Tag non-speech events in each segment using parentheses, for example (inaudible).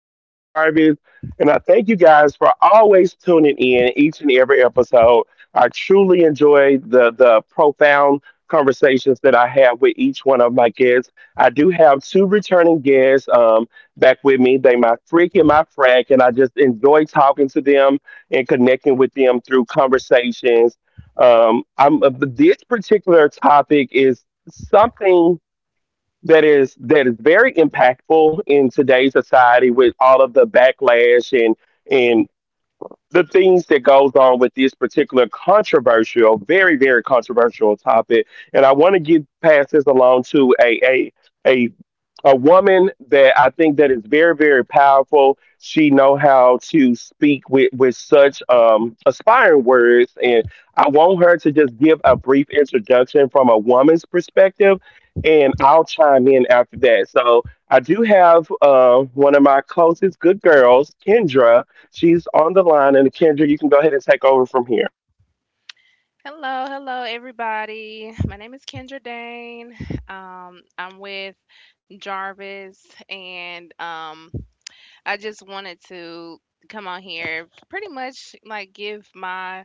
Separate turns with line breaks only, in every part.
host, Jarvis, and I thank you guys for always tuning in each and every episode. I truly enjoy the profound conversations that I have with each one of my guests. I do have two returning guests back with me. They my freak and my frack, and I just enjoy talking to them and connecting with them through conversations. This particular topic is something that is very impactful in today's society with all of the backlash and the things that goes on with this particular controversial, very, very controversial topic. And I want to get pass this along to a a woman that I think that is very, very powerful. She know how to speak with such aspiring words, and I want her to just give a brief introduction from a woman's perspective, and I'll chime in after that. So I do have one of my closest good girls, Kendra. She's on the line, and Kendra, you can go ahead and take over from here.
Hello, hello, everybody. My name is Kendra Dane. I'm with Jarvis, and I just wanted to come on here, pretty much like give my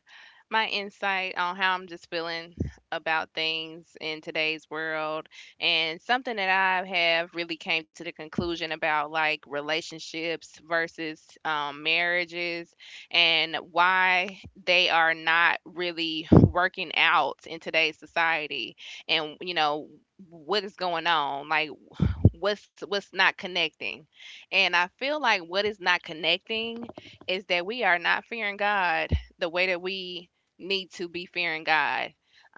my insight on how I'm just feeling about things in today's world and something that I have really came to the conclusion about like relationships versus marriages and why they are not really working out in today's society and you know what is going on like what's not connecting. And I feel like what is not connecting is that we are not fearing God the way that we need to be fearing God.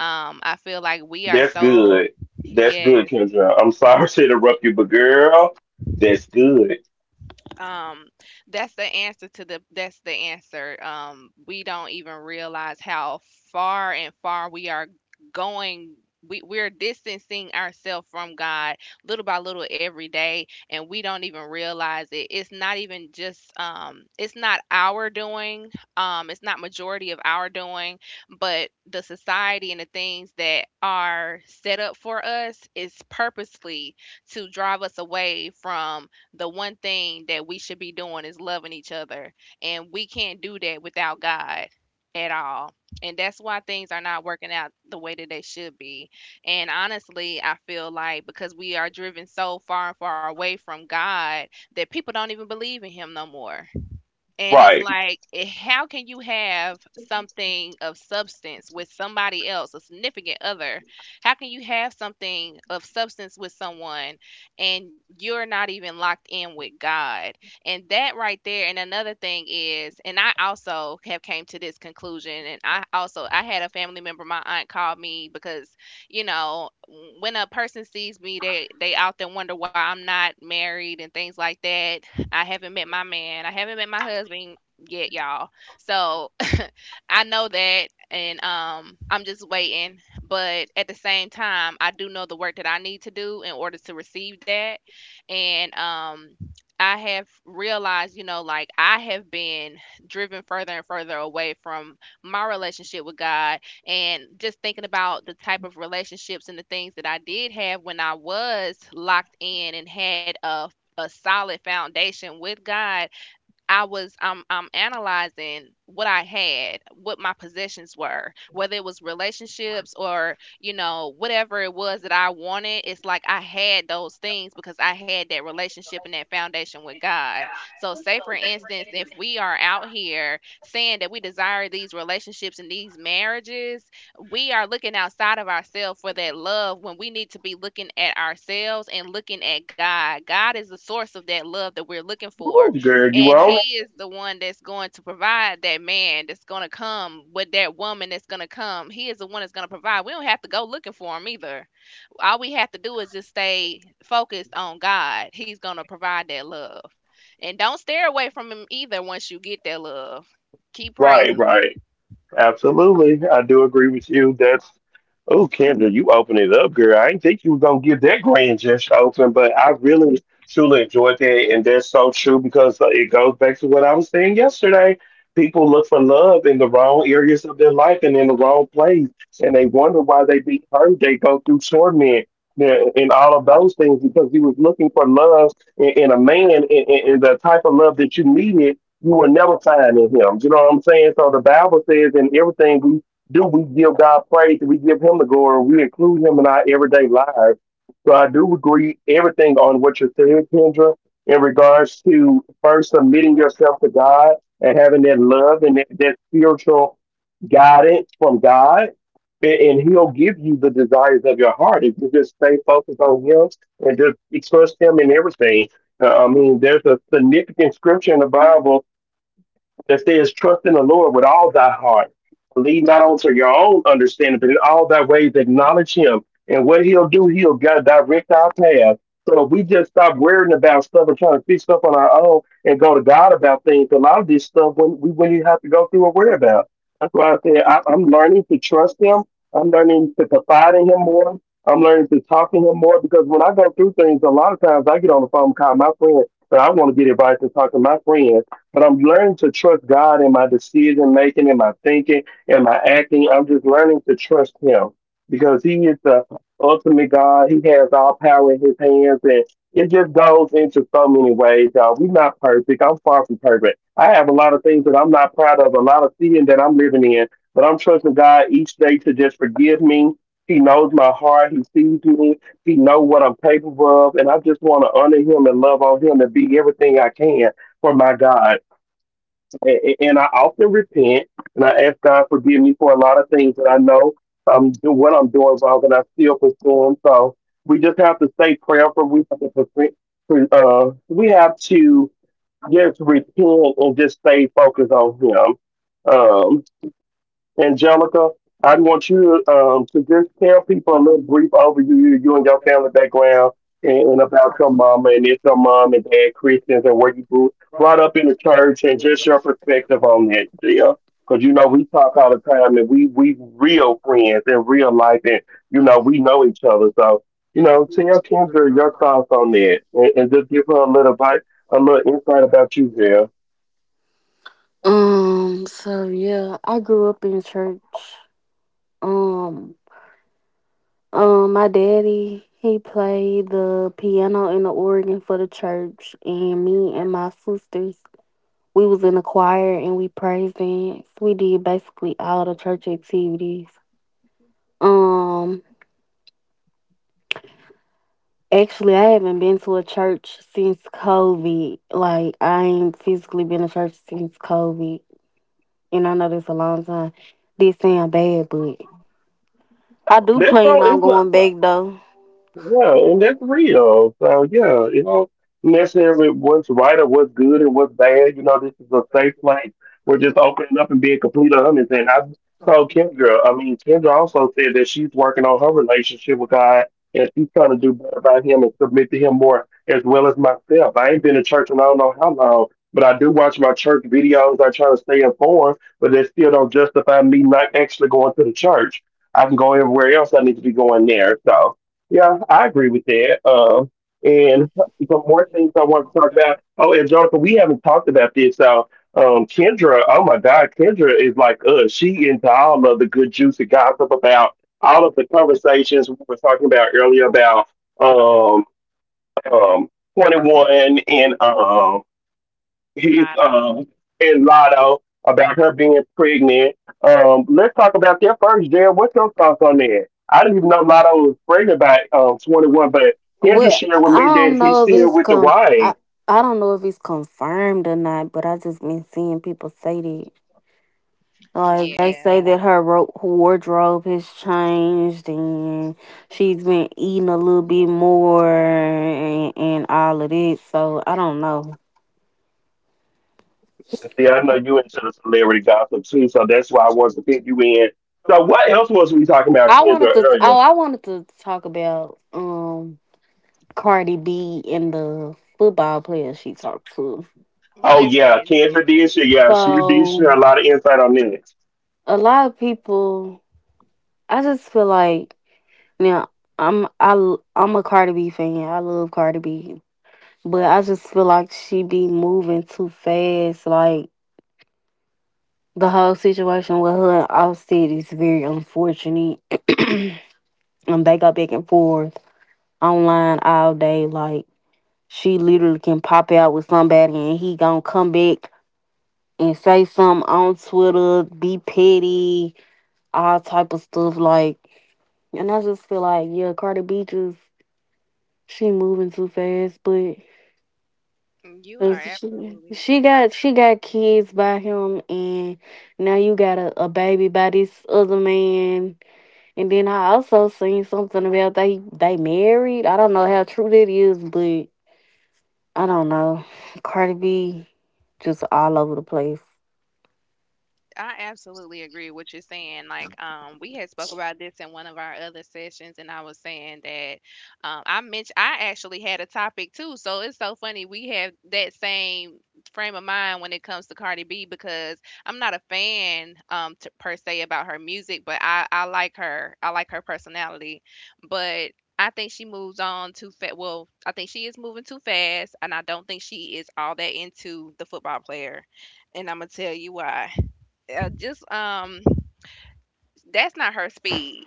I feel like we are
That's
so
good. That's good,
yes,
Kendra. I'm sorry (laughs) to interrupt you, but girl, that's good.
Um, that's the answer to the answer. We don't even realize how far and far we are going. We're distancing ourselves from God little by little every day, and we don't even realize it. It's not even just it's not our doing. It's not majority of our doing, but the society and the things that are set up for us is purposely to drive us away from the one thing that we should be doing is loving each other. And we can't do that without God at all. And that's why things are not working out the way that they should be. And honestly, I feel like because we are driven so far and far away from God that people don't even believe in Him no more. And it's
Right.
like, how can you have something of substance with somebody else, a significant other? How can you have something of substance with someone and you're not even locked in with God? And that right there. And another thing is, and I also have came to this conclusion. And I also, I had a family member, my aunt called me because, you know, when a person sees me, they often wonder why I'm not married and things like that I haven't met my man. I haven't met my husband yet, y'all. So I know that and I'm just waiting, but at the same time, I do know the work that I need to do in order to receive that. And I have realized, you know, like I have been driven further and further away from my relationship with God and just thinking about the type of relationships and the things that I did have when I was locked in and had a solid foundation with God I was I'm analyzing what I had, what my possessions were, whether it was relationships or, you know, whatever it was that I wanted, it's like I had those things because I had that relationship and that foundation with God. So say for instance, if we are out here saying that we desire these relationships and these marriages, we are looking outside of ourselves for that love when we need to be looking at ourselves and looking at God. God is the source of that love that we're looking for,
Ooh, girl, you
and
on it?
he is the one that's going to provide that man that's going to come with that woman that's going to come. He is the one that's going to provide. We don't have to go looking for him either. All we have to do is just stay focused on God. He's going to provide that love, and don't stare away from him either. Once you get that love, keep
Right,
praising
right.
him.
Absolutely. I do agree with you. That's Oh, Kendra, you open it up, girl. I didn't think you were gonna give that grand gesture open, but I really truly enjoyed that, and that's so true because it goes back to what I was saying yesterday. People look for love in the wrong areas of their life and in the wrong place, and they wonder why they be hurt. They go through torment, yeah, and all of those things because he was looking for love in a man and the type of love that you needed you will never find in him. You know what I'm saying? So the Bible says in everything we do, we give God praise, we give him the glory, we include him in our everyday lives. So I do agree everything on what you said, Kendra, in regards to first submitting yourself to God and having that love and that spiritual guidance from God. And he'll give you the desires of your heart if you just stay focused on him and just trust him in everything. I mean, there's a significant scripture in the Bible that says, trust in the Lord with all thy heart. Lean not onto your own understanding, but in all thy ways acknowledge him. And what he'll do, he'll direct our path. So if we just stop worrying about stuff and trying to fix stuff on our own and go to God about things, a lot of this stuff when we when you have to go through and worry about. That's why I said I'm learning to trust him. I'm learning to confide in him more. I'm learning to talk to him more because when I go through things, a lot of times I get on the phone and call my friend, but I want to get advice and talk to my friend but I'm learning to trust God in my decision making, in my thinking, in my acting. I'm just learning to trust Him because He is the ultimate God. He has all power in His hands, and it just goes into so many ways, y'all. We're not perfect. I'm far from perfect. I have a lot of things that I'm not proud of, a lot of sin that I'm living in, but I'm trusting God each day to just forgive me. He knows my heart. He sees me. He knows what I'm capable of, and I just want to honor Him and love on Him and be everything I can for my God. And I often repent and I ask God forgive me for a lot of things that I know I'm do what I'm doing wrong and I still pursue them. So we just have to stay prayerful. We have to just repent and just stay focused on Him. Angelica, I want you to just tell people a little brief overview of you and your family background and about your mama and if your mom and dad Christians and where you grew brought up in the church and just your perspective on that, deal. Because you know we talk all the time and we real friends in real life and you know we know each other. So you know, tell Kendra your thoughts on that and just give her a little bite, a little insight about you, there.
So yeah, I grew up in church. Um, my daddy, he played the piano and the organ for the church, and me and my sisters, we was in the choir and we praised dance. We did basically all the church activities. Um, Actually, I haven't been to a church since COVID. Like, I ain't physically been to church since COVID, and I know that's a long time. This sound bad, but I do
That's
plan
all.
on
It's not.
going back though.
Yeah, and that's real. So yeah, you know, necessarily what's right or what's good and what's bad. You know, this is a safe place. We're just opening up and being completely honest. And I told Kendra, I mean, Kendra also said that she's working on her relationship with God and she's trying to do better by Him and submit to Him more, as well as myself. I ain't been to church in I don't know how long, but I do watch my church videos. I try to stay informed, but that still don't justify me not actually going to the church. I can go everywhere else. I need to be going there. So. Yeah, I agree with that. And some more things I want to talk about. Oh, and Jonathan, we haven't talked about this. So, Kendra, oh my God, Kendra is like us. She into all of the good juicy gossip about all of the conversations we were talking about earlier about um, um, 21 and his
Lot of,
and Lotto about her being pregnant. Let's talk about that first, Jared. What's your thoughts on that? I didn't even know Lotto was pregnant by 21, but Kendra
Well,
shared with
I
me
don't
that he's
know if
still
it's
with the
con. I,
wife.
I don't know if it's confirmed or not, but I just been seeing people say that. Like, they
yeah,
say that her wardrobe has changed, and she's been eating a little bit more, and all of this. So I don't know.
Yeah, I know you into the celebrity gossip too, so that's why I wanted to pick you in. So what else was we talking about
I
Kendra
wanted to. Oh,
earlier?
I wanted to talk about Cardi B and the football player she talked to.
Oh
let's
yeah,
get
Kendra
into
did share. Yeah, she did share a
So
lot of insight on this.
a lot of people, I just feel like now I'm a Cardi B fan. Yeah, I love Cardi B. But I just feel like she be moving too fast. Like, the whole situation with her and Offset is very unfortunate. (clears throat) And they go back and forth online all day. Like, she literally can pop out with somebody and he gonna come back and say something on Twitter, be petty, all type of stuff. Like, and I just feel like, yeah, Cardi B just she moving too fast, but
it. You are
it's- she
absolutely,
she got she got kids by him, and now you got a baby by this other man. And then I also seen something about they married. I don't know how true that is, but I don't know. Cardi B just all over the place.
I absolutely agree with you saying. Like, we had spoke about this in one of our other sessions, and I was saying that I mentioned I actually had a topic too. So it's so funny we have that same frame of mind when it comes to Cardi B because I'm not a fan to, per se about her music, but I like her. I like her personality, but I think she moves on too fast. Well, I think she is moving too fast, and I don't think she is all that into the football player, and I'm gonna tell you why. Just That's not her speed.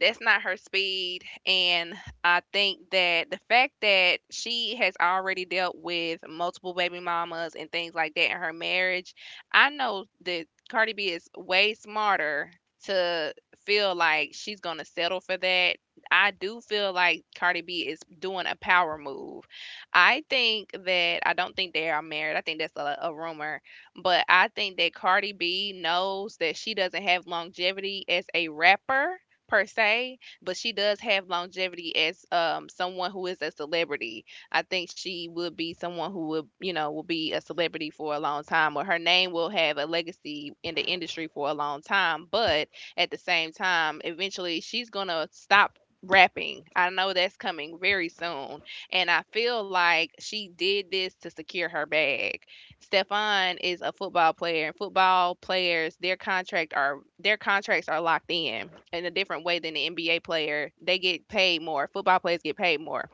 That's not her speed, and I think that the fact that she has already dealt with multiple baby mamas and things like that in her marriage, I know that Cardi B is way smarter to feel like she's gonna settle for that. I do feel like Cardi B is doing a power move. I think that I don't think they are married. I think that's a rumor, but I think that Cardi B knows that she doesn't have longevity as a rapper per se, but she does have longevity as someone who is a celebrity. I think she would be someone who would, you know, will be a celebrity for a long time or her name will have a legacy in the industry for a long time, but at the same time, eventually she's going to stop rapping. I know that's coming very soon, and I feel like she did this to secure her bag. Stefan is a football player, and football players their contracts are locked in a different way than the NBA player. They get paid more. Football players get paid more.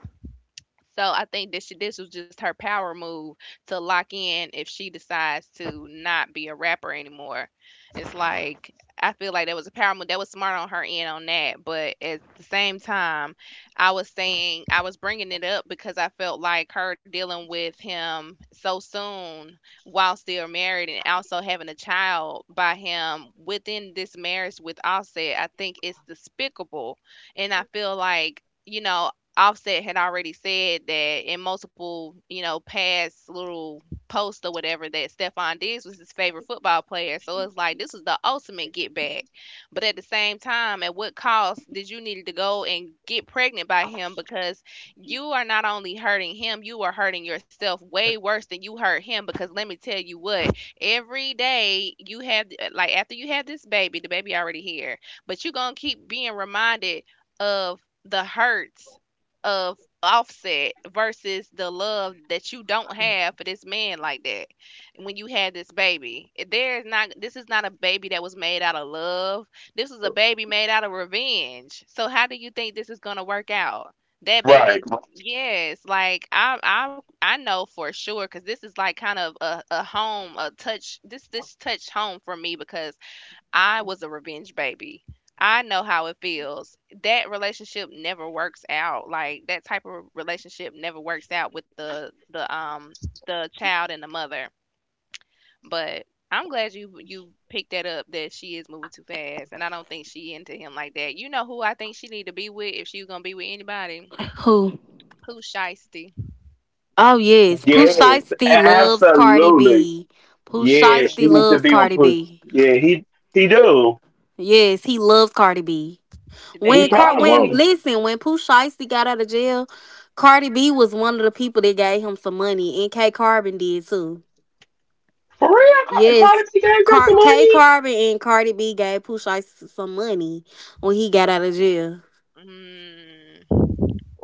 So I think that she, this was just her power move to lock in if she decides to not be a rapper anymore. It's like I feel like that was a power move. That was smart on her end on that, but at the same time, I was saying I was bringing it up because I felt like her dealing with him so soon while still married and also having a child by him within this marriage with Offset, I think it's despicable, and I feel like you know, Offset had already said that in multiple, you know, past little posts or whatever that Stephon Diggs was his favorite football player. So it's like this was the ultimate get back. But at the same time, at what cost did you need to go and get pregnant by him? Because you are not only hurting him, you are hurting yourself way worse than you hurt him. Because let me tell you what, every day you have like after you have this baby, the baby already here, but you're gonna keep being reminded of the hurts of Offset versus the love that you don't have for this man like that when you had this baby. There's not this is not a baby that was made out of love. This is a baby made out of revenge. So how do you think this is gonna work out? That baby
Right.
is, yes, like I know for sure because this is like kind of a home a touch this touch home for me because I was a revenge baby. I know how it feels. That relationship never works out. Like that type of relationship never works out with the the child and the mother. But I'm glad you picked that up that she is moving too fast and I don't think she into him like that. You know who I think she need to be with if she's gonna be with anybody?
Who?
Pooh Shiesty.
Oh yes, Pooh
Yes,
Shiesty loves Cardi
absolutely.
B. Pooh
Yeah,
Yeah.
Shiesty
she needs to
loves
be with
Cardi
Pusha.
B.
Yeah, he do.
Yes, he loves Cardi B.
They
He
When
need to be
Cart
probably
when
together.
won't.
Listen, when Pooh Shiesty got out of jail, Cardi B was one of the people that gave him some money, and K Carbon did too.
For real,
Mm.
Yes.
Cardi B gave him some
K
money.
Carbon and Cardi B gave Pooh Shiesty some money when he got out of jail.
Mm.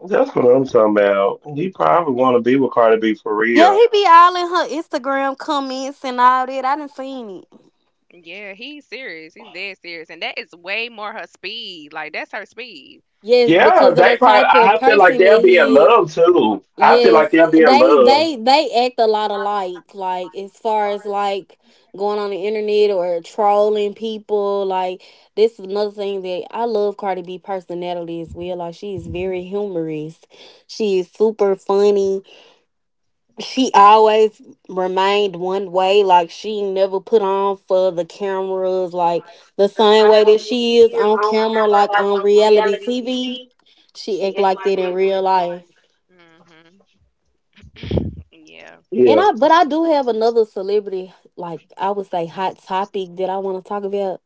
That's what I'm talking about. He probably want to be with Cardi B for
Yeah,
real.
he be all in her Instagram comments and all that. I done seen it.
Yeah, he's serious. He's dead serious. And that is way more her speed. Like that's her speed.
Yes,
Yeah,
because of the
they probably.
type of
I feel like
person that
they'll be in
he is.
love too. I feel like
Yes,
they'll be in
they
love.
they they act a lot alike. Like, as far as like going on the internet or trolling people, like, this is another thing that I love Cardi B personality as well. Like, she is very humorous. She is super funny. She always remained one way. Like, she never put on for the cameras. Like, the same way that she is on camera, like on reality TV, she act like that in real life.
Mhm. Yeah.
And
Yeah,
I, but I do have another celebrity, like I would say, hot topic that I want to talk about.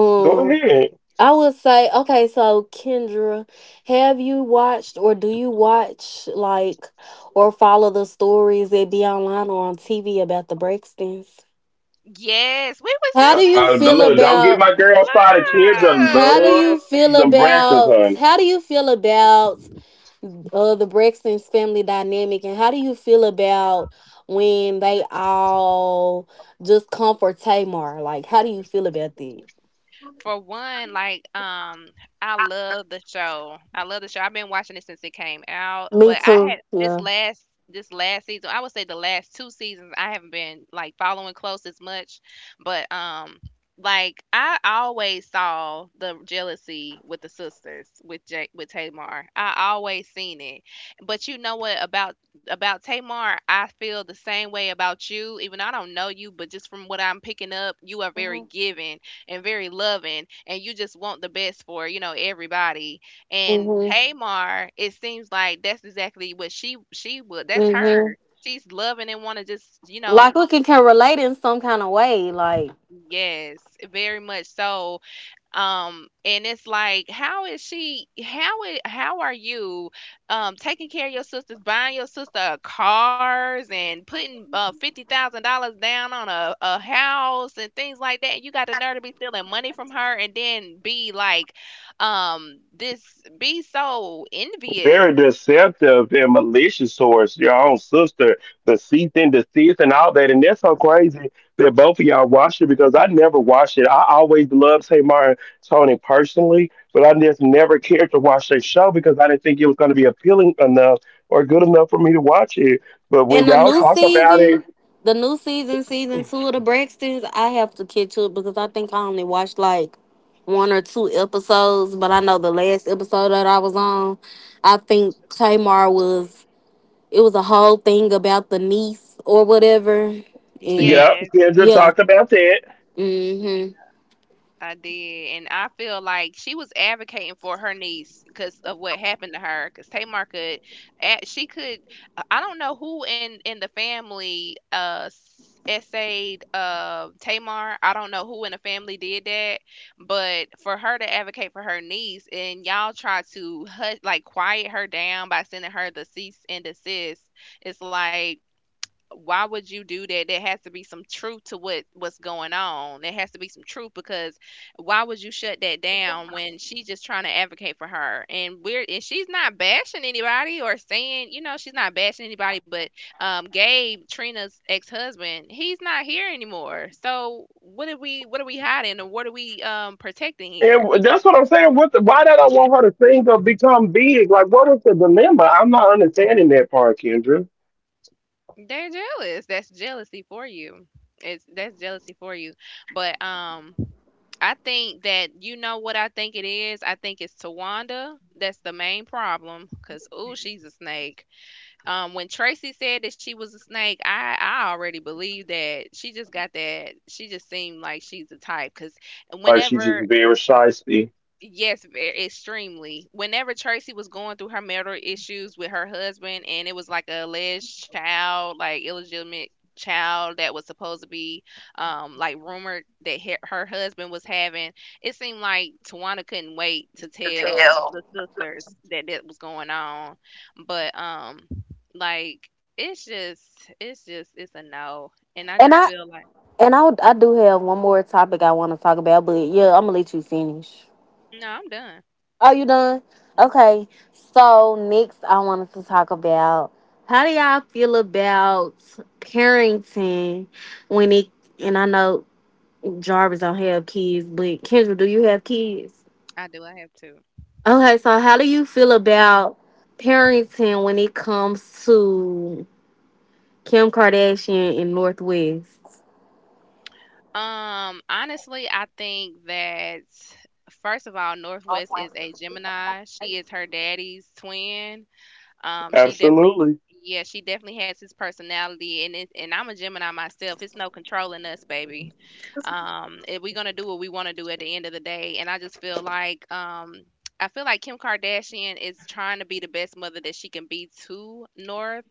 Mhm.
go ahead.
I would say, okay, so Kendra, have you watched or do you watch like or follow the stories that be online or on TV about the Braxtons?
Yes, we was
How do
just
you feel
Look, don't get
about?
my girl started. Kendra love
look.
them branches,
How do you feel about the Braxton's family dynamic, and how do you feel about when they all just come for Tamar? Like, how do you feel about that?
For one, like, I love the show. I love the show. I've been watching it since it came out,
Me
but I
too.
had
Yeah.
this last season. I would say the last two seasons I haven't been like following close as much, but like I always saw the jealousy with the sisters with Jake with Tamar. I always seen it. But you know what about Tamar, I feel the same way about you. Even though I don't know you, but just from what I'm picking up, you are very
Hmm.
giving and very loving and you just want the best for, you know, everybody. And
Hmm.
Tamar, it seems like that's exactly what she would that's
Hmm.
her. She's loving and want to just, you know,
Like, we can relate in some kind of way. Like,
yes, very much so and it's like how is she how it how are you taking care of your sisters buying your sister cars and putting $50,000 down on a house and things like that you got the nerve to be stealing money from her and then be like this be so envious.
very deceptive and malicious towards your own sister, deceit and deceit and all that. And that's so crazy that both of y'all watched it because I never watched it. I always loved Tamar and Tony personally, but I just never cared to watch their show because I didn't think it was going to be appealing enough or good enough for me to watch it. But when
in the
y'all
new
talk about it,
season, season two of the Braxtons, I have to catch up because I think I only watched like one or two episodes, but I know the last episode that I was on, I think Tamar was it was a whole thing about the niece or whatever, and
yep,
Yes,
Kendra
yeah.
talked about that.
Hmm.
I did, and I feel like she was advocating for her niece because of what happened to her. Because Tamar could, she could, I don't know who in the family essayed Tamar. I don't know who in the family did that, but for her to advocate for her niece, and y'all try to hush, like quiet her down by sending her the cease and desist. It's like why would you do that? There has to be some truth to what's going on. There has to be some truth because why would you shut that down when she's just trying to advocate for her? And she's not bashing anybody or saying, you know, she's not bashing anybody, but Gabe, Trina's ex-husband, he's not here anymore. So what are we hiding or what are we protecting here? He,
And that's what I'm saying. What the, why did I want her to think of become big? Like, what is the dilemma? I'm not understanding that part, Kendra.
they're jealous. That's jealousy for you. It's that's jealousy for you. But I think that you know what I think it is. I think it's Tawanda that's the main problem because oh, she's a snake. When Tracy said that she was a snake, I already believed that she just got that. She just seemed like she's the type because
Like she's just
whenever
very shifty.
yes, very extremely. Whenever Tracy was going through her marital issues with her husband, and it was like a alleged child, like illegitimate child that was supposed to be, like rumored that her husband was having, it seemed like Tawana couldn't wait to tell
Hell.
the sisters that that was going on. But like it's a no, and I
and
just
I
feel like
and I do have one more topic I want to talk about, but yeah, I'm gonna let you finish.
no, I'm done.
Oh, you done?
Mm,
Okay. So next, I wanted to talk about how do y'all feel about parenting when it and I know Jarvis don't have kids, but Kendra, do you have kids?
I do. I have to.
Okay, so how do you feel about parenting when it comes to Kim Kardashian and Northwest?
Honestly, I think that first of all, Northwest is a Gemini. She is her daddy's twin. She definitely
Absolutely.
yeah, she definitely has his personality and it, and I'm a Gemini myself. It's no controlling us, baby. If we're gonna do what we wanna do at the end of the day. And I just feel like I feel like Kim Kardashian is trying to be the best mother that she can be to North,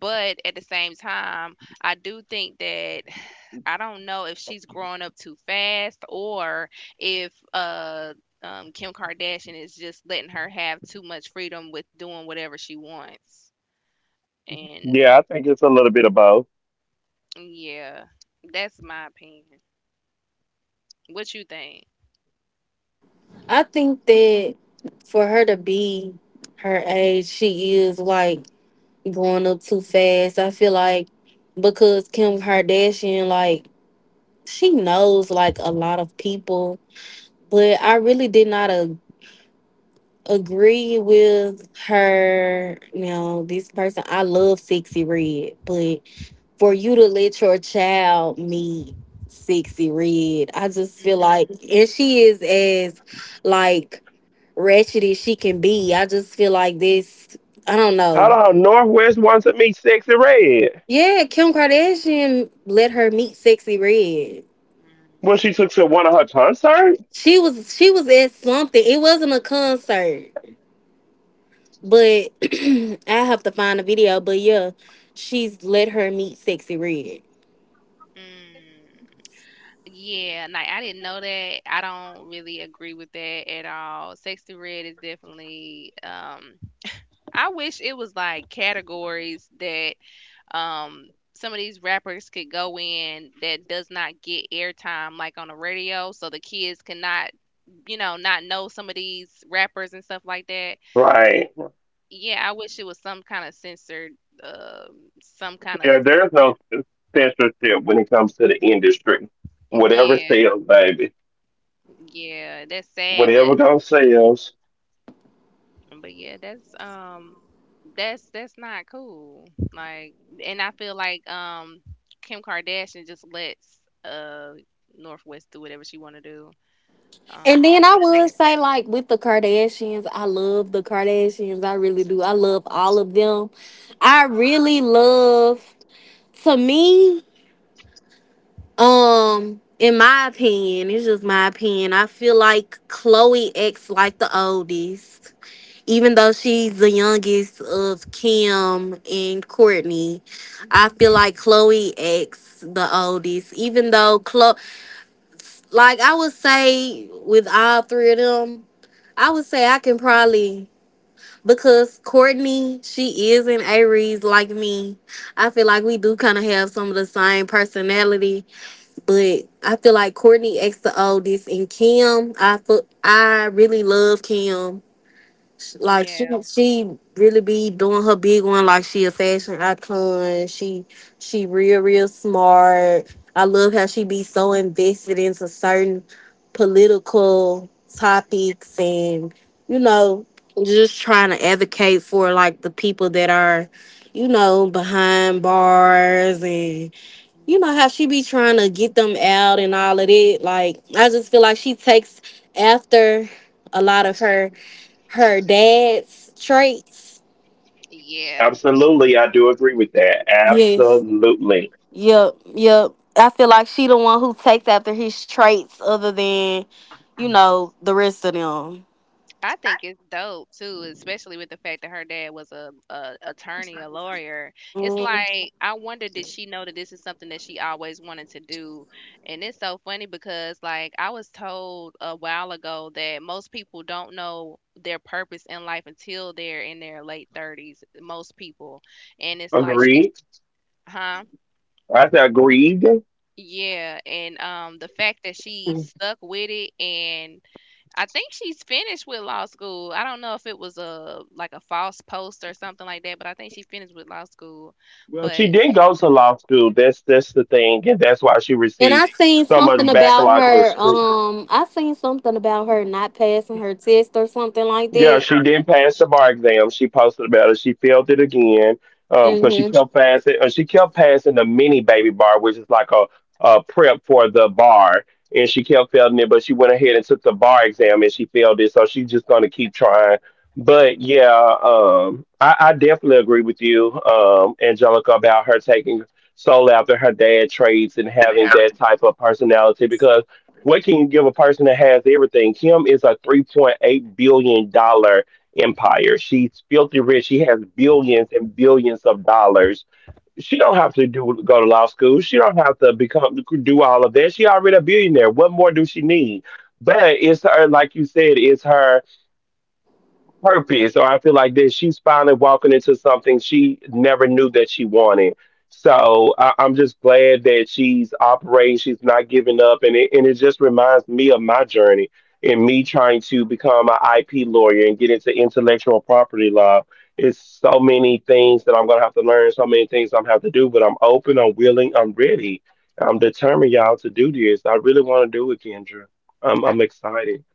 but at the same time, I do think that I don't know if she's growing up too fast or if Kim Kardashian is just letting her have too much freedom with doing whatever she wants. And
Yeah, I think it's a little bit of both.
yeah, that's my opinion. What you think?
I think that for her to be her age, she is like growing up too fast. I feel like because Kim Kardashian, like, she knows like a lot of people, but I really did not agree with her. You know, this person, I love Sexy Red, but for you to let your child meet Sexy Red, I just feel
Mm,
like, and she is as like ratchet as she can be. I just feel like this, I don't
How the
know.
hell Northwest wants to meet Sexy Red?
Yeah, Kim Kardashian let her meet Sexy Red.
Well, she
mm,
took to one of her concerts?
She was at something. It wasn't a concert. But (clears throat) I have to find a video. But yeah, she's let her meet Sexy Red.
mm. Yeah, like I didn't know that. I don't really agree with that at all. Sexy red is definitely I wish it was like categories that some of these rappers could go in that does not get airtime like on the radio, so the kids cannot, you know, not know some of these rappers and stuff like that.
Right.
Yeah, I wish it was some kind of censored, uh, some kind
Yeah,
of
there's no censorship when it comes to the industry. Whatever
yeah,
sells, baby.
yeah. That's sad,
Whatever gonna sells.
but yeah, that's not cool. Like, and I feel like Kim Kardashian just lets Northwest do whatever she want to do.
And then
To
I
make her
would
happy.
say, like, with the Kardashians, I love the Kardashians. I really do. I love all of them. I really love. To me, in my opinion, it's just my opinion, I feel like Chloe acts like the oldest, even though she's the youngest of Kim and Courtney. I feel
Mhm.
like Chloe acts the oldest. Even though Chloe, like I would say, with all three of them, I would say I can probably, because Courtney, she is an Aries like me. I feel like we do kind of have some of the same personality, but I feel like Courtney acts the oldest, and Kim, I feel I really love Kim, like she
Yeah.
she really be doing her big one. Like, she a fashion icon. She real real smart. I love how she be so invested into certain political topics, and you know just trying to advocate for like the people that are, behind bars, and you know how
Hmm.
she be trying to get them out and all of it. Like, I just feel like she takes after a lot of her dad's traits.
Yeah.
Absolutely, I do agree with that.
Yes.
Absolutely.
Yep. Yep. I feel like she the one who takes after his traits, other than, the rest of them.
I think it's dope too, especially with the fact that her dad was a attorney, a lawyer. It's
Mm.
like I wonder did she know that this is something that she always wanted to do? And it's so funny because like I was told a while ago that most people don't know their purpose in life until they're in their late 30s, most people. And it's like she
Agreed.
huh?
I said agreed.
Yeah, and the fact that she stuck with it and I think she's finished with law school. I don't know if it was a like a false post or something like that, but I think she finished with law school.
Well, she
But
didn't go to law school. That's the thing, and that's why she
And I
received
seen
so much
something about
backlash and
her.
scru-
I seen something about her not passing her test or something like
Yeah, she
that.
didn't pass the bar exam. She posted about it. She failed it again because she
Mm-hmm.
kept passing. She kept passing the mini baby bar, which is like a prep for the bar, and she kept failing it. But she went ahead and took the bar exam, and she failed it. So she's just gonna keep trying. But yeah, I definitely agree with you, Angelica, about her taking solo after her dad traits and having that type of personality because what can you give a person that has everything? Kim is a $3.8 billion dollar empire. She's filthy rich. She has billions and billions of dollars. She don't have to do go to law school. She don't have to become do all of that. She already a billionaire. What more do she need? But it's her, like you said, it's her purpose or I feel like that she's finally walking into something she never knew that she wanted. So I'm just glad that she's operating. She's not giving up. And it just reminds me of my journey and me trying to become an IP lawyer and get into intellectual property law. It's so many things that I'm going to have to learn, so many things I'm going to have to do, but I'm open, I'm willing, I'm ready. I'm determined, y'all, to do this. I really want to do it, Kendra. I'm,
I
I'm excited.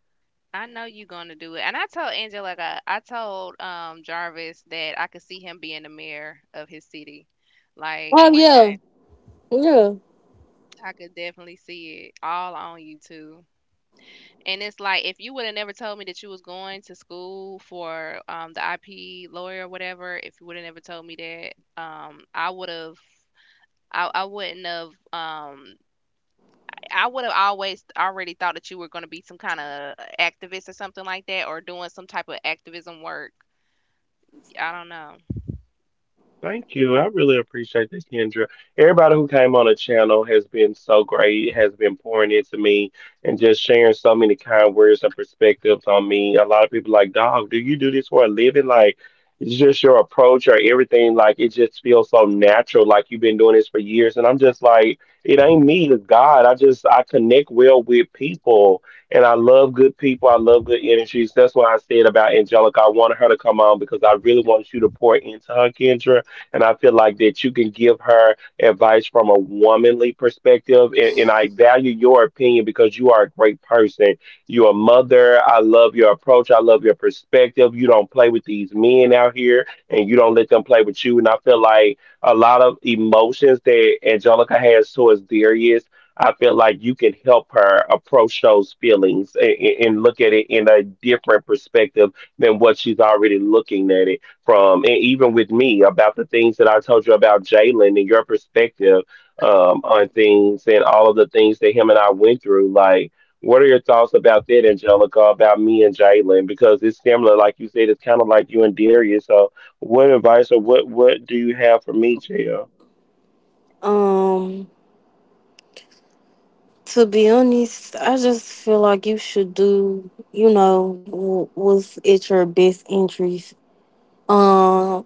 I know you're gonna do it. And I told Angela, like I told Jarvis that I could see him being the mayor of his city. Like
Oh
one
yeah,
day,
yeah.
I could definitely see it all on you too. And it's like if you would have never told me that you was going to school for the IP lawyer or whatever, if you would have never told me that, I would have I wouldn't have I would have always already thought that you were going to be some kind of activist or something like that or doing some type of activism work. I don't know.
Thank you. I really appreciate that, Kendra. Everybody who came on the channel has been so great, has been pouring into me and just sharing so many kind words and perspectives on me. A lot of people like, dog, do you do this for a living? Like, it's just your approach or everything. Like, it just feels so natural. Like, you've been doing this for years. And I'm just like, it ain't me, it's God. I connect well with people and I love good people. I love good energies. That's why I said about Angelica. I wanted her to come on because I really want you to pour into her, Kendra, and I feel like that you can give her advice from a womanly perspective. And I value your opinion because you are a great person. You're a mother. I love your approach. I love your perspective. You don't play with these men out here and you don't let them play with you. And I feel like a lot of emotions that Angelica has towards Darius. I feel like you can help her approach those feelings and, look at it in a different perspective than what she's already looking at it from, and even with me about the things that I told you about Jalen and your perspective on things and all of the things that him and I went through. Like, what are your thoughts about that, Angelica, about me and Jalen? Because it's similar, like you said, it's kind of like you and Darius. So, what advice or what do you have for me, Jill?
Um, to be honest, I just feel like you should do, what's at your best interest. Um.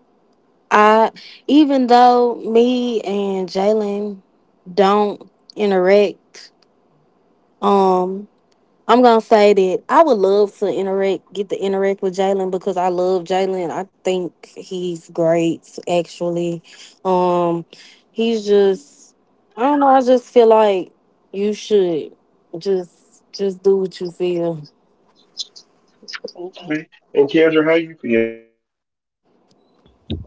I Even though me and Jalen don't interact, um, I'm gonna say that I would love to interact, get to interact with Jalen because I love Jalen. I think he's great, actually. Um, he's just, I don't know. I just feel like you should just do what you feel.
And Kendra, how you?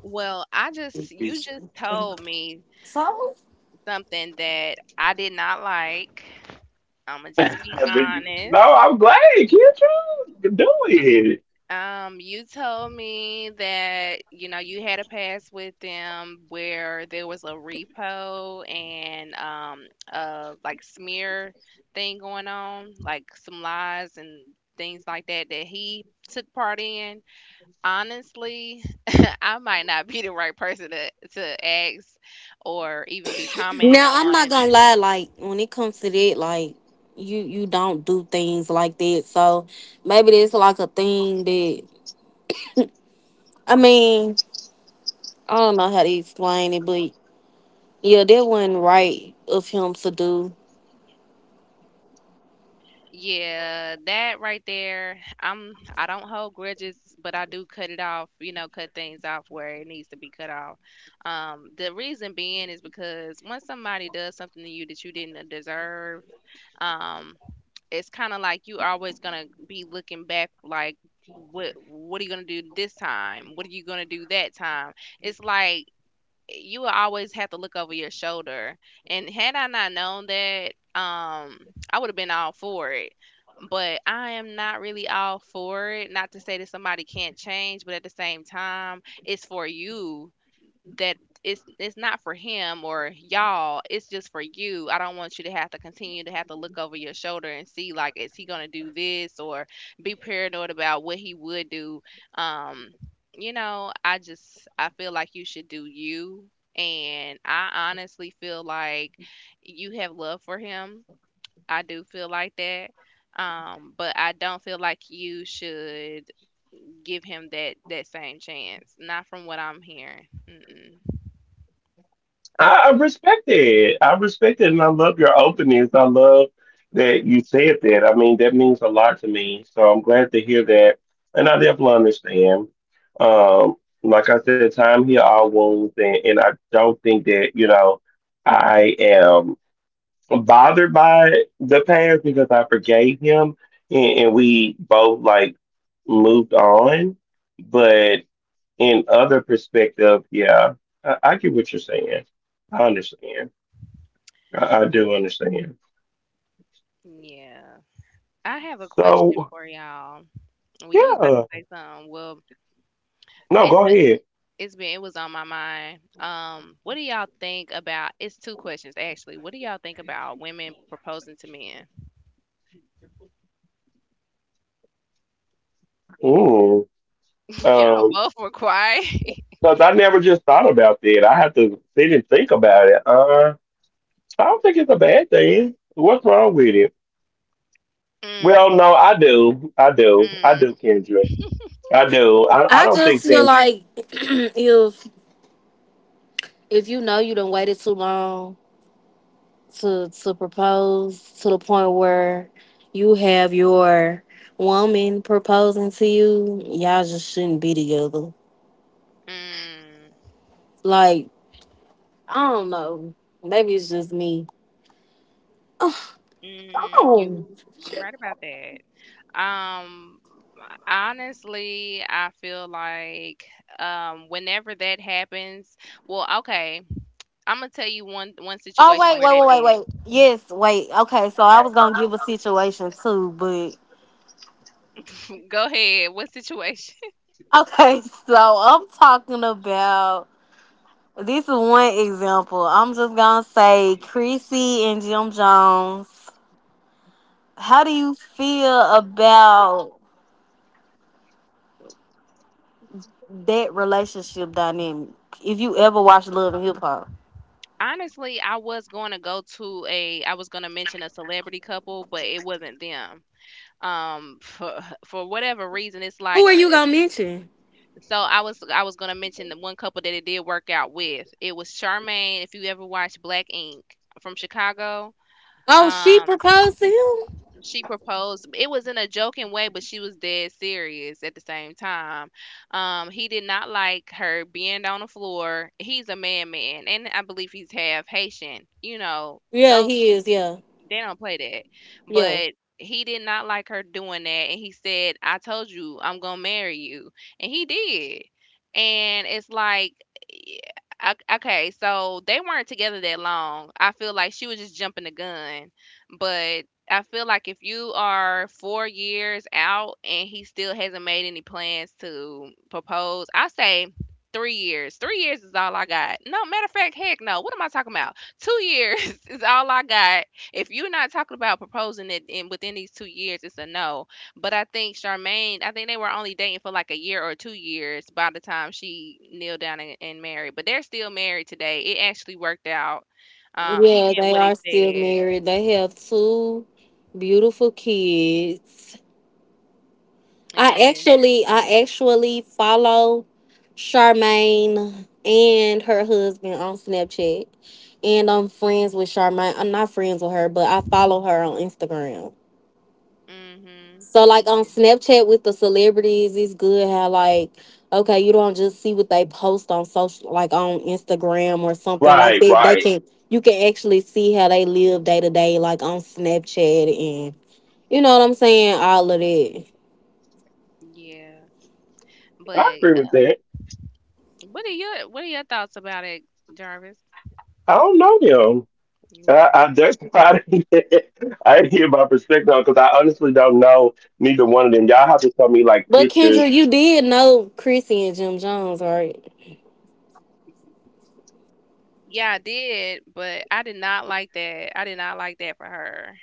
Well, I just you just told me
So.
something that I did not like. I'm gonna
(laughs)
just be
I no,
honest.
I'm glad, Kendra. Do it.
You told me that, you know, you had a pass with them where there was a repo and like smear thing going on, like some lies and things like that that he took part in. Honestly, (laughs) I might not be the right person to ask or even be commenting
Now, I'm not
on
gonna lie, like when it comes to that, like, you don't do things like that. So maybe it's like a thing that, I mean, I don't know how to explain it, but yeah, that wasn't right of him to do.
yeah, that right there. I'm I don't hold grudges, but I do cut it off, you know, cut things off where it needs to be cut off. The reason being is because once somebody does something to you that you didn't deserve, um, it's kind of like you always gonna be looking back like what are you gonna do this time? What are you gonna do that time? It's like you will always have to look over your shoulder. And had I not known that, I would have been all for it. But I am not really all for it. Not to say that somebody can't change, but at the same time, it's for you that it's not for him or y'all, it's just for you. I don't want you to have to continue to have to look over your shoulder and see like is he gonna do this or be paranoid about what he would do. Um, you know, I just I feel like you should do you and I honestly feel like you have love for him. I do feel like that. But I don't feel like you should give him that same chance. Not from what I'm hearing. Mm-mm.
I respect it. I respect it, and I love your openness. I love that you said that. I mean, that means a lot to me. So I'm glad to hear that, and I definitely understand. Um, like I said, time heals all wounds, and, I don't think that, you know, I am bothered by the past because I forgave him, and, we both like moved on. But in other perspective, yeah, I get what you're saying. I understand. I do understand.
Yeah. I have a
So
question for y'all. Well, you was about to
yeah,
say something. Well,
no,
it's
go ahead.
it was on my mind. What do y'all think about? It's two questions actually. What do y'all think about women proposing to men?
Mm.
(laughs) Y'all
Um,
both were quiet. (laughs)
because I never just thought about that. I had to sit and think about it. I don't think it's a bad thing. What's wrong with it?
Mm,
Well, no, I do. I do. I
mm,
do, Kendra. I do. I
I
don't
just
think
feel
that.
like (clears throat) if you know you done waited too long to propose to the point where you have your woman proposing to you, y'all just shouldn't be together.
mm,
Like, I don't know. Maybe it's just me.
mm,
Oh.
you right about that. Um, Honestly, I feel like whenever that happens, well, okay. I'm gonna tell you one
Oh,
situation
wait,
where
wait,
that
wait, wait,
did.
wait. Yes, wait. Okay, so I was gonna give a situation too, but
Go ahead. What situation? (laughs)
okay, (laughs) so I'm talking about, this is one example. I'm just gonna say Creasy and Jim Jones. How do you feel about that relationship dynamic? If you ever watch Love and Hip Hop.
Honestly, I was going to go to a. I was going to mention a celebrity couple, but it wasn't them. For (laughs) for whatever reason,
Who are you gonna mention?
so. I was going to mention the one couple that it did work out with. It was Charmaine. If you ever watched Black Ink from Chicago,
Oh, she
um,
proposed to him?
she proposed. It was in a joking way, but she was dead serious at the same time. He did not like her being on the floor. He's a man, man, and I believe he's half Haitian. You know,
Yeah,
those
he is, yeah.
they don't play that.
Yeah.
But he did not like her doing that. And he said, I told you I'm going to marry you. And he did. And it's like, yeah, o- okay, so they weren't together that long. I feel like she was just jumping the gun. But I feel like if you are 4 years out and he still hasn't made any plans to propose, I say 3 years. 3 years is all I got. No, matter of fact, heck no. What am I talking about? 2 years (laughs) is all I got if you're not talking about proposing it in within these 2 years, it's a no. But I think Charmaine, I think they were only dating for like a year or 2 years by the time she kneeled down and married. But they're still married today. It actually worked out. He
Yeah,
meant
they
what he
are still
said.
married. They have two beautiful kids. I
Yeah.
actually I actually follow Charmaine and her husband on Snapchat. And I'm friends with Charmaine. I'm not friends with her, but I follow her on Instagram.
Mhm.
So, like, on
Yeah.
Snapchat with the celebrities, it's good how like, okay, you don't just see what they post on social, like on Instagram or something like
Right,
that. They
right.
can You can actually see how they live day to day, like on Snapchat, and you know what I'm saying, all of that.
Yeah.
I
But
agree with that.
what are your thoughts about it, Jarvis?
I don't know,
You
I,
right.
I'm just (laughs) trying to get, (laughs) I didn't get my perspective on because I honestly don't know neither one of them. Y'all have to tell me like
But
pictures.
Kendra, you did know Chrissy and Jim Jones, right?
Yeah, I did, but I did not like that. I did not like that for her.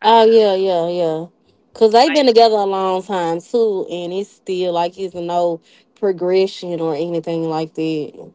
I
Oh
did not.
yeah, yeah, yeah. Cause they've been
Like
together a long time too, and it's still like it's no progression or anything like that.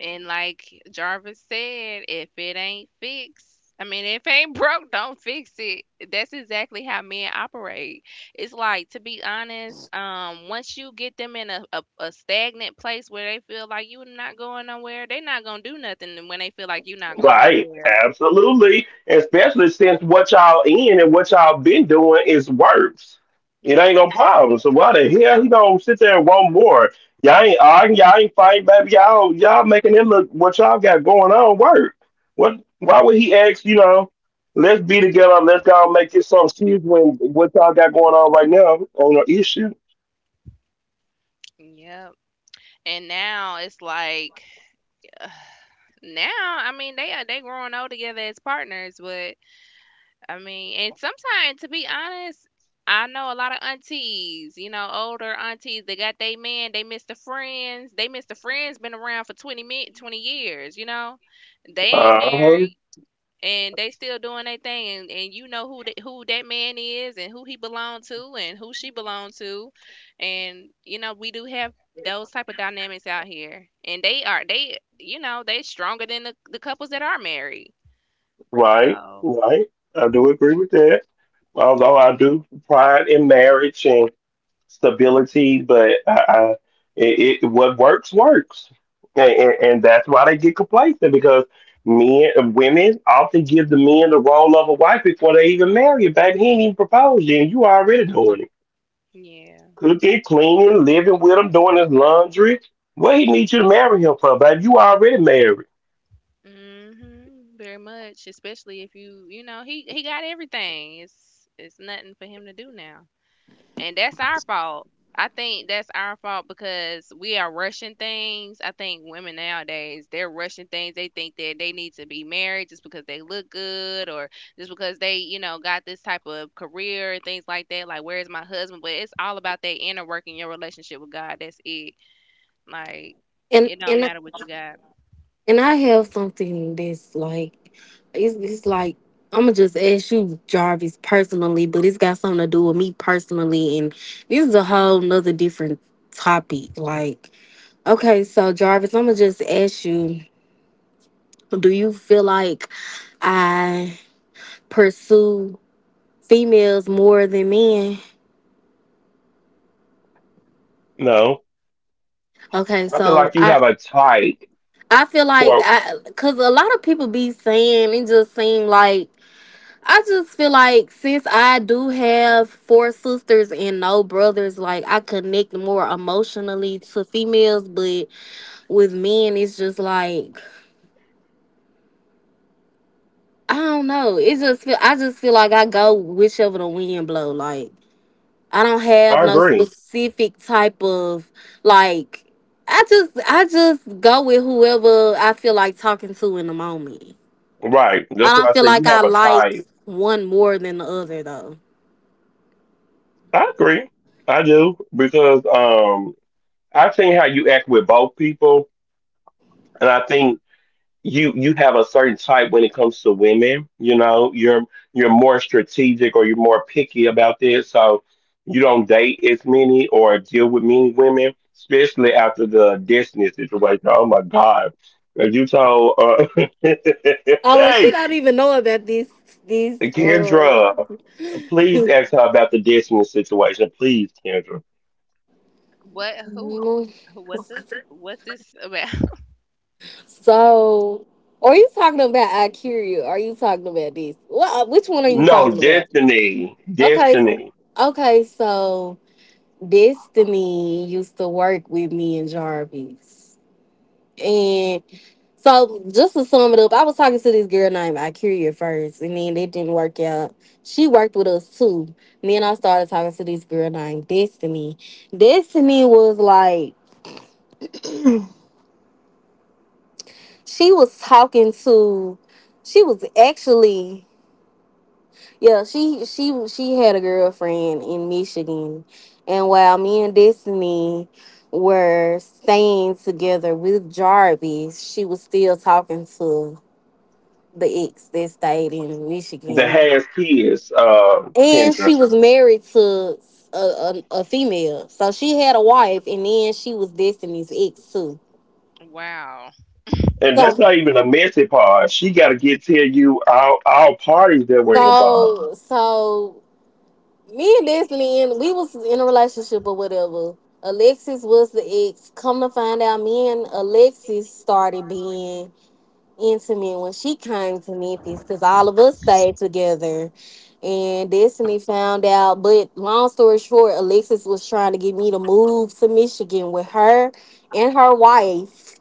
and like Jarvis said, if it ain't fixed, I mean, if it ain't broke, don't fix it. That's exactly how men operate. It's like, to be honest, once you get them in a stagnant place where they feel like you're not going nowhere, they're not going to do nothing when they feel like you're not going
Right,
nowhere.
absolutely. Especially since what y'all in and what y'all been doing is works. It
Mm,
ain't no
y-
problem. So why the hell he gonna sit there and want more? Y'all ain't arguing, y'all ain't fighting, baby. Y'all making it look what y'all got going on work. What why would he ask, you know, let's be together, let's go and make this some serious when what y'all got going on right now on an issue?
Yep. And now it's like, (sighs) now, I mean, they are they growing old together as partners, but I mean, and sometimes, to be honest, I know a lot of aunties, you know, older aunties, they got they man, they miss the friends. They miss the friends been around for 20, minutes, 20 years, you know. They ain't married
Uh-huh.
and they still doing their thing. And you know who that man is and who he belong to and who she belong to. And, you know, we do have those type of dynamics out here. And you know, they stronger than the couples that are married.
Right,
So,
right. I do agree with that. Although I do pride in marriage and stability, but it, what works works, and, and that's why they get complacent because men, women often give the men the role of a wife before they even marry you. Baby, he ain't even proposed yet, and you already doing it,
yeah.
cooking, cleaning, living with him, doing his laundry. What he need you to marry him for, babe? You already married.
Mhm, very much, especially if you, you know, he got everything. It's nothing for him to do now. And that's our fault. I think that's our fault because we are rushing things. I think women nowadays, they're rushing things. They think that they need to be married just because they look good or just because they, you know, got this type of career and things like that. Like, where's my husband? But it's all about that inner work in your relationship with God. That's it. Like,
And
it don't
and
matter what you got.
And I have something that's like, it's like, I'm gonna just ask you, Jarvis, personally, but it's got something to do with me personally. And this is a whole nother different topic. Like, okay, so Jarvis, I'm gonna just ask you, do you feel like I pursue females more than men?
No,
Okay,
I feel
so
like you
I.
have a type
I feel like
for.
cause a lot of people be saying it just seem like, I just feel like since I do have four sisters and no brothers, like, I connect more emotionally to females, but with men it's just like I don't know. It just feel I just feel like I go whichever the wind blow. Like, I don't have
I
no
agree.
specific type of, like, I just go with whoever I feel like talking to in the moment.
Right,
I
that's why I
don't feel
say you
like I
have a
like
type.
one more than the other though.
I agree. I do because I think how you act with both people, and I think you have a certain type when it comes to women. You know, you're more strategic or you're more picky about this, so you don't date as many or deal with many women, especially after the Destiny situation. Oh my God, if you told (laughs)
Oh, and she
hey
not even knowing that these these
Kendra, please
(laughs)
ask her about the Destiny situation, please, Kendra.
What? Who?
Mhm.
Who? What's this? What's this about? (laughs)
So, are you talking about Akira? Are you talking about this? What Which one are you
No,
talking about? Okay.
Destiny.
Okay, so Destiny used to work with me and Jarvis. And so, just to sum it up, I was talking to this girl named Akira first, and then it didn't work out. She worked with us too. And then I started talking to this girl named Destiny. Destiny was like, she was talking to, she was actually, yeah, she had a girlfriend in Michigan, and while me and Destiny were staying together with Jarvis, she was still talking to the ex that stayed in
That
Michigan,
has kids,
and
Kendra.
she was married to a female, so she had a wife, and then she was Destiny's ex too.
Wow.
And that's
so
not even a messy part. She got to get tell you all parties that were involved.
so so me and Destiny, and we was in a relationship or whatever. Alexis was the ex. Come to find out, me and Alexis started being intimate when she came to Memphis because all of us stayed together. And Destiny found out, but long story short, Alexis was trying to get me to move to Michigan with her and her wife.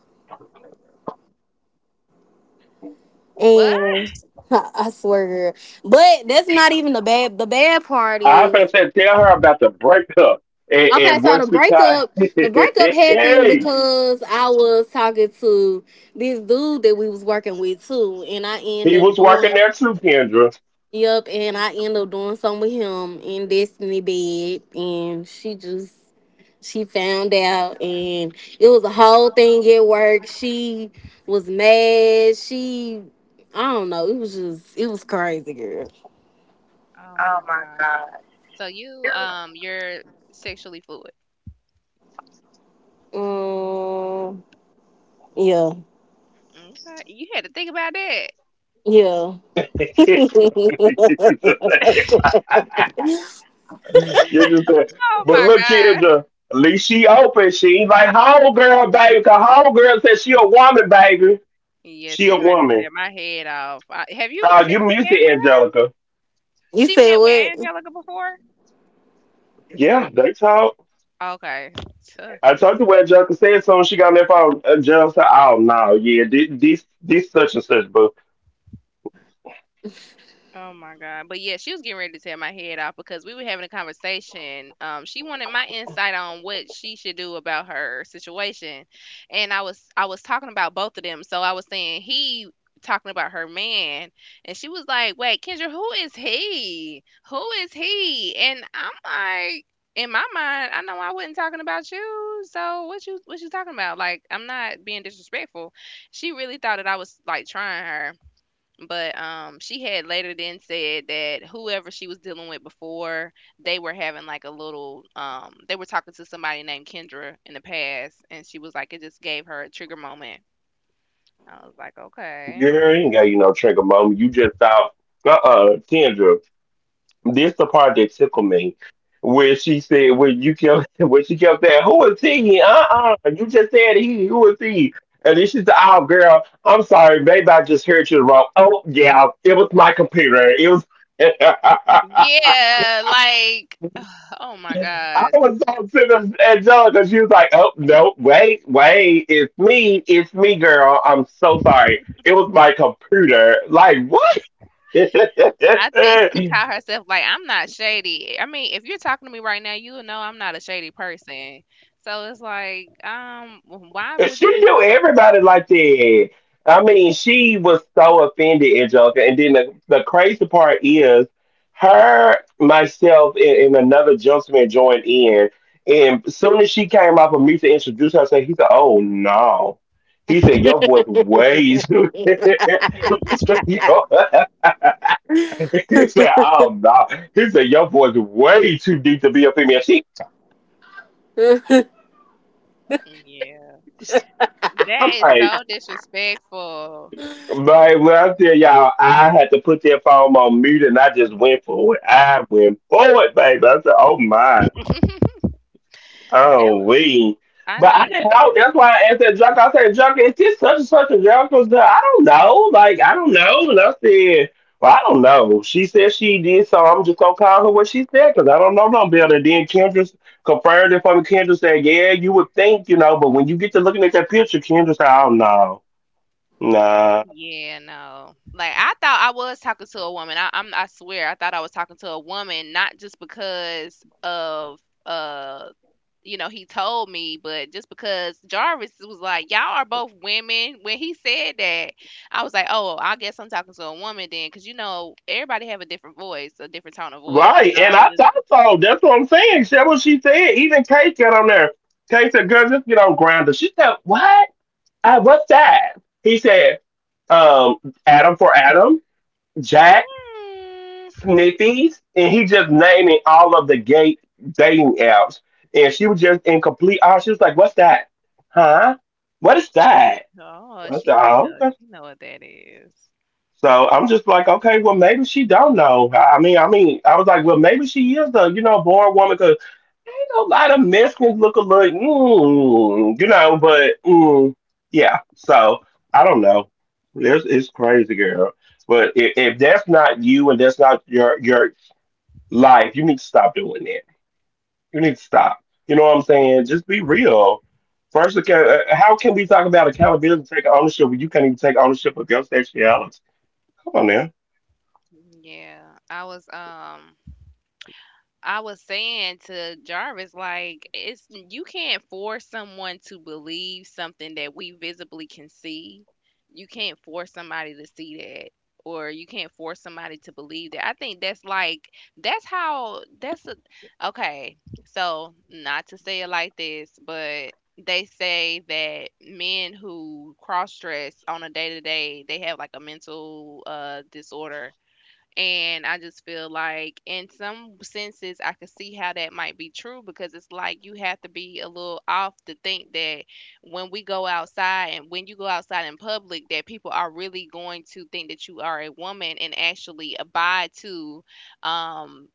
What?
And (laughs) I swear, girl. But that's not even the bad. The bad part
I
is,
was going to tell her about the breakup. And,
okay,
and
so
once we caught, (laughs)
the breakup happened
hey,
because I was talking to this dude that we was working with too, and I end
he
up
was working
doing,
there too, Kendra.
yep, and
N-
I end up doing something with him in Destiny bed, and she found out, and it was a whole thing at work. She was mad. She, I don't know. It was just, it was crazy, girl.
Oh my God. So you're sexually fluid.
Um, yeah,
Okay. You had to think about that.
yeah.
(laughs) Kendra said,
(laughs)
Kendra said,
Oh
but
my
look,
God.
Kendra, at least she open. She ain't like home girl, baby. Cause home girl said she a woman, baby.
Yeah,
She a
she's ready to
woman.
tear my head off. I, have you? Has
You
she met
music,
with her?
Angelica.
You
She
said
met with
what?
Angelica before.
Yeah, that's how
Okay.
I told you what Angelica said. So when she got on that phone. Angelica said, "Oh no, yeah, this such and such, but
Oh my god. But yeah, she was getting ready to tear my head off because we were having a conversation. She wanted my insight on what she should do about her situation. And I was talking about both of them. So I was saying he talking about her man and she was like, "Wait, Kendra, who is he? Who is he?" And I'm like, in my mind, I know I wasn't talking about you. So what you talking about? Like I'm not being disrespectful. She really thought that I was like trying her. But she had later then said that whoever she was dealing with before, they were having like a little, they were talking to somebody named Kendra in the past, and she was like, it just gave her a trigger moment. I was like, okay.
girl, you ain't got you no trigger moment. You just thought, Kendra. This the part that tickled me, where she said, when you kept, (laughs) when she kept saying, who is he? You just said he. Who is he? And then she said, oh girl, I'm sorry, maybe I just heard you wrong. Oh yeah, it was my computer. It was." (laughs)
Yeah, like, (sighs) oh my
I
gosh.
was so sick of Angelica. She was like, "Oh no, wait, it's me, girl. I'm so sorry. It was my computer. Like
I think she
what?
caught
(laughs)
herself like, I'm not shady. I mean, if you're talking to me right now, you know I'm not a shady person. So it's like, why would
She
you?
knew everybody like that. I mean, she was so offended, Angelica. And then the crazy part is her, myself, and another gentleman joined in. And soon as she came up and me to introduce herself, he said, Oh no. He said, Your voice way
(laughs)
too (laughs) He
(laughs)
said, "Your-" (laughs) He said, Oh no. He said, Your voice way too deep to be a female. She
What
Yeah.
I'm
That is
like,
so disrespectful.
Right, well, I tell y'all, I had to put that phone on mute and I just went for it. I went for it, baby. I said, oh my,
That
oh
was
we.
I
But
know
I
he
didn't know.
probably
That's why I asked that junk. I said, junk, is this such and such a junk? Because I don't know. Like, I don't know. And I said, well, I don't know. She said she did, so I'm just going to call her what she said because I don't know no better. And then Kendra confirmed it for me. Kendra said, yeah, you would think, you know, but when you get to looking at that picture, Kendra said, oh no, no.
Yeah, no. Like I thought I was talking to a woman. I swear I thought I was talking to a woman not just because of uh you know, he told me, but just because Jarvis was like, "Y'all are both women." When he said that, I was like, "Oh, I guess I'm talking to a woman then," because you know, everybody have a different voice, a different tone of voice. I
Right,
thought
and
I was
I
just,
thought so. That's what I'm saying. That's what she said. Even Kate got on there. Kate said, "Girl, just get on grinder." She said, "What? What's that?" He said, "Um, Adam for Adam, Jack,
hmm.
Sniffies," and he just naming all of the gay dating apps. And she was just in complete awe. She was like, "What's that? Huh? What is that?"
Oh,
I That's
she might know.
"Okay."
She know what that is.
So I'm just like, okay, well, maybe she don't know. I mean, I was like, well, maybe she is the, you know, born woman because ain't a lot of Mexicans look alike, you know. But yeah, so I don't know. It's crazy, girl. But if that's not you and that's not your life, you need to stop doing that. You need to stop. You know what I'm saying? Just be real. First, how can we talk about accountability, take ownership when you can't even take ownership of your sexuality? Come on now.
Mm-hmm. Yeah, I was um I was saying to Jarvis like it's you can't force someone to believe something that we visibly can see. You can't force somebody to see that or you can't force somebody to believe that. I think that's like that's how that's a, okay. So, not to say it like this, but they say that men who cross dress on a day to day, they have like a mental disorder. And I just feel like, in some senses, I could see how that might be true because it's like you have to be a little off to think that when we go outside and when you go outside in public, that people are really going to think that you are a woman and actually abide to um,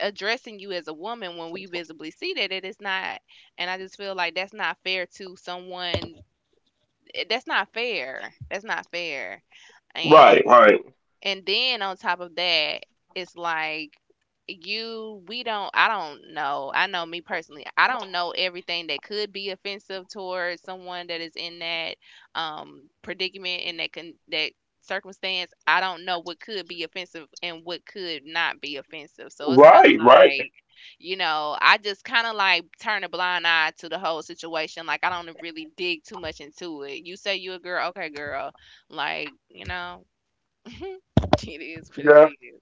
addressing you as a woman when we visibly see that it is not. And I just feel like that's not fair to someone. That's not fair. That's not fair. And
Right, right,
and then on top of that, it's like you we don't I don't know. I know me personally. I don't know everything that could be offensive towards someone that is in that predicament and that can that circumstance. I don't know what could be offensive and what could not be offensive. So it's kind of
right, right.
like, you know, I just kind of like turn a blind eye to the whole situation. Like I don't really dig too much into it. You say you a girl, okay girl. Like, you know, (laughs) it is what it
Yeah,
is.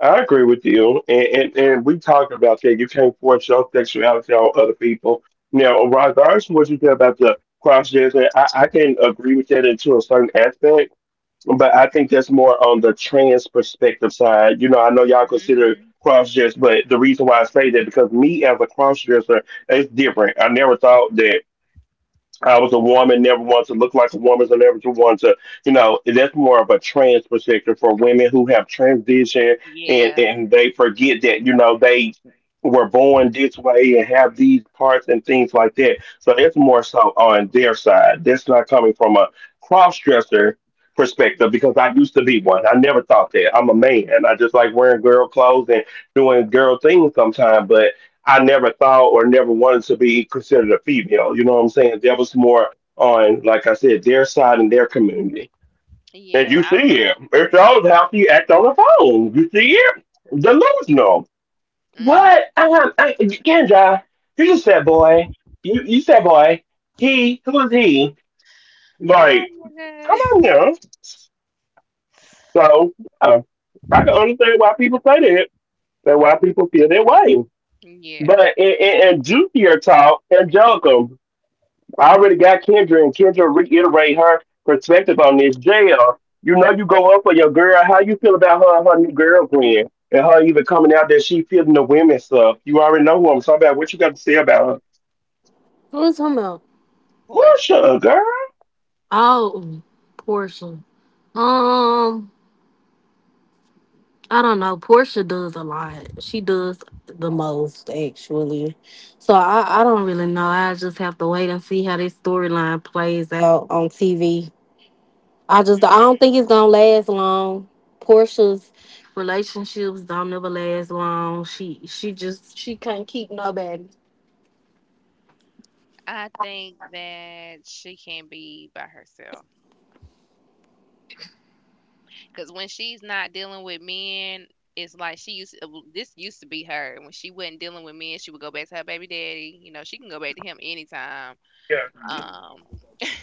I agree with you. And we talked about that. You can't force your sexuality on other people. Now, regardless of what you said about the cross dressing, I can agree with that into a certain aspect, but I think that's more on the trans perspective side. You know, I know y'all consider
Hmm.
cross dress, but the reason why I say that because me as a cross dresser, it's different. I never thought that. I was a woman, never wanted to look like a woman, so never to want to, you know, that's more of a trans perspective for women who have transitioned and,
Yeah.
they forget that, you know, they were born this way and have these parts and things like that. So that's more so on their side. That's not coming from a cross dresser perspective because
Hmm.
I used to be one. I never thought that. I'm a man. I just like wearing girl clothes and doing girl things sometimes. I never thought or never wanted to be considered a female. You know what I'm saying? That was more on, like I said, their side and their community. And
Yeah,
you
I
see it. It's
bet
all how you act on the phone. You see it. Delusional.
that. Hmm.
What? Kendra, you just said boy. You said boy. He, who is he? Like,
Oh
come
my
on now. So, yeah, I can
God. (laughs)
understand why people say that and why people feel that way.
Yeah,
But in juicier talk, Angelica, I already got Kendra, and Kendra reiterate her perspective on this. JL, you know you go up for your girl. How you feel about her and her new girlfriend and her even coming out that she feeling the women stuff? You already know who I'm talking about. What you got to say about her?
was talking about?
Portia.
Portia, girl.
Oh, Portia. Um, I don't know. Portia does a lot. She does the most actually. So I don't really know. I just have to wait and see how this storyline plays out on TV. I don't think it's gonna last long. Portia's relationships don't never last long. She just she can't keep nobody.
I think that she can be by herself. Because when she's not dealing with men, it's like she used well, this used to be her. When she wasn't dealing with men, she would go back to her baby daddy. You know, she can go back to him anytime.
Yeah, she did.
Um,
That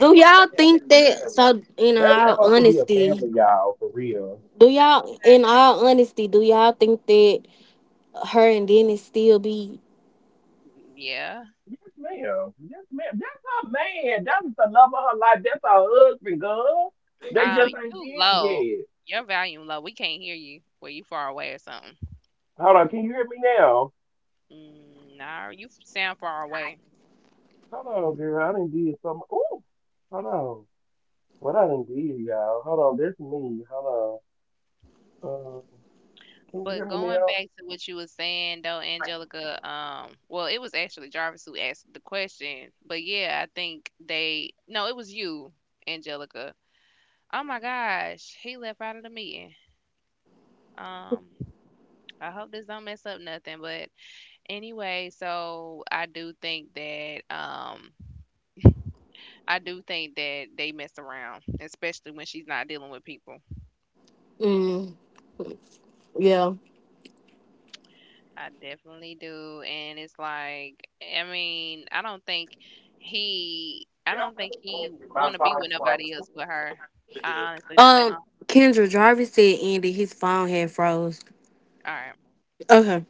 Do y'all
supposed to
think
be
that?
married.
So, in all honesty,
but
in
it's
all honesty, do y'all think that her and Dennis still be?
okay. Yeah.
Yes, ma'am. Yes, ma'am. That's her man. That's the love of her life. That's her husband, girl. They just ain't
You
did it
low.
yet.
Your volume low. We can't hear you. Well, you far away or something.
Hold on, can you hear me now?
Mm, nah, you sound far away.
Hold on, girl. I didn't did some. Ooh, hold on. What I didn't did, y'all. Hold on. That's me. Hold on. Can you hear
But
me
going
now?
back to what you were saying though, Angelica, well, it was actually Jarvis who asked the question, but yeah, I think they, no, it was you, Angelica. Oh my gosh, he left out of the meeting. Um, I hope this don't mess up nothing, but anyway, so I do think that, I do think that they mess around, especially when she's not dealing with people.
Mm, yeah.
I definitely do. And it's like, I mean, I don't think he, I don't think he want to be with nobody else but her. I honestly don't.
Um,
I,
Kendra, Jarvis said Andy, his phone had froze.
all right.
Okay.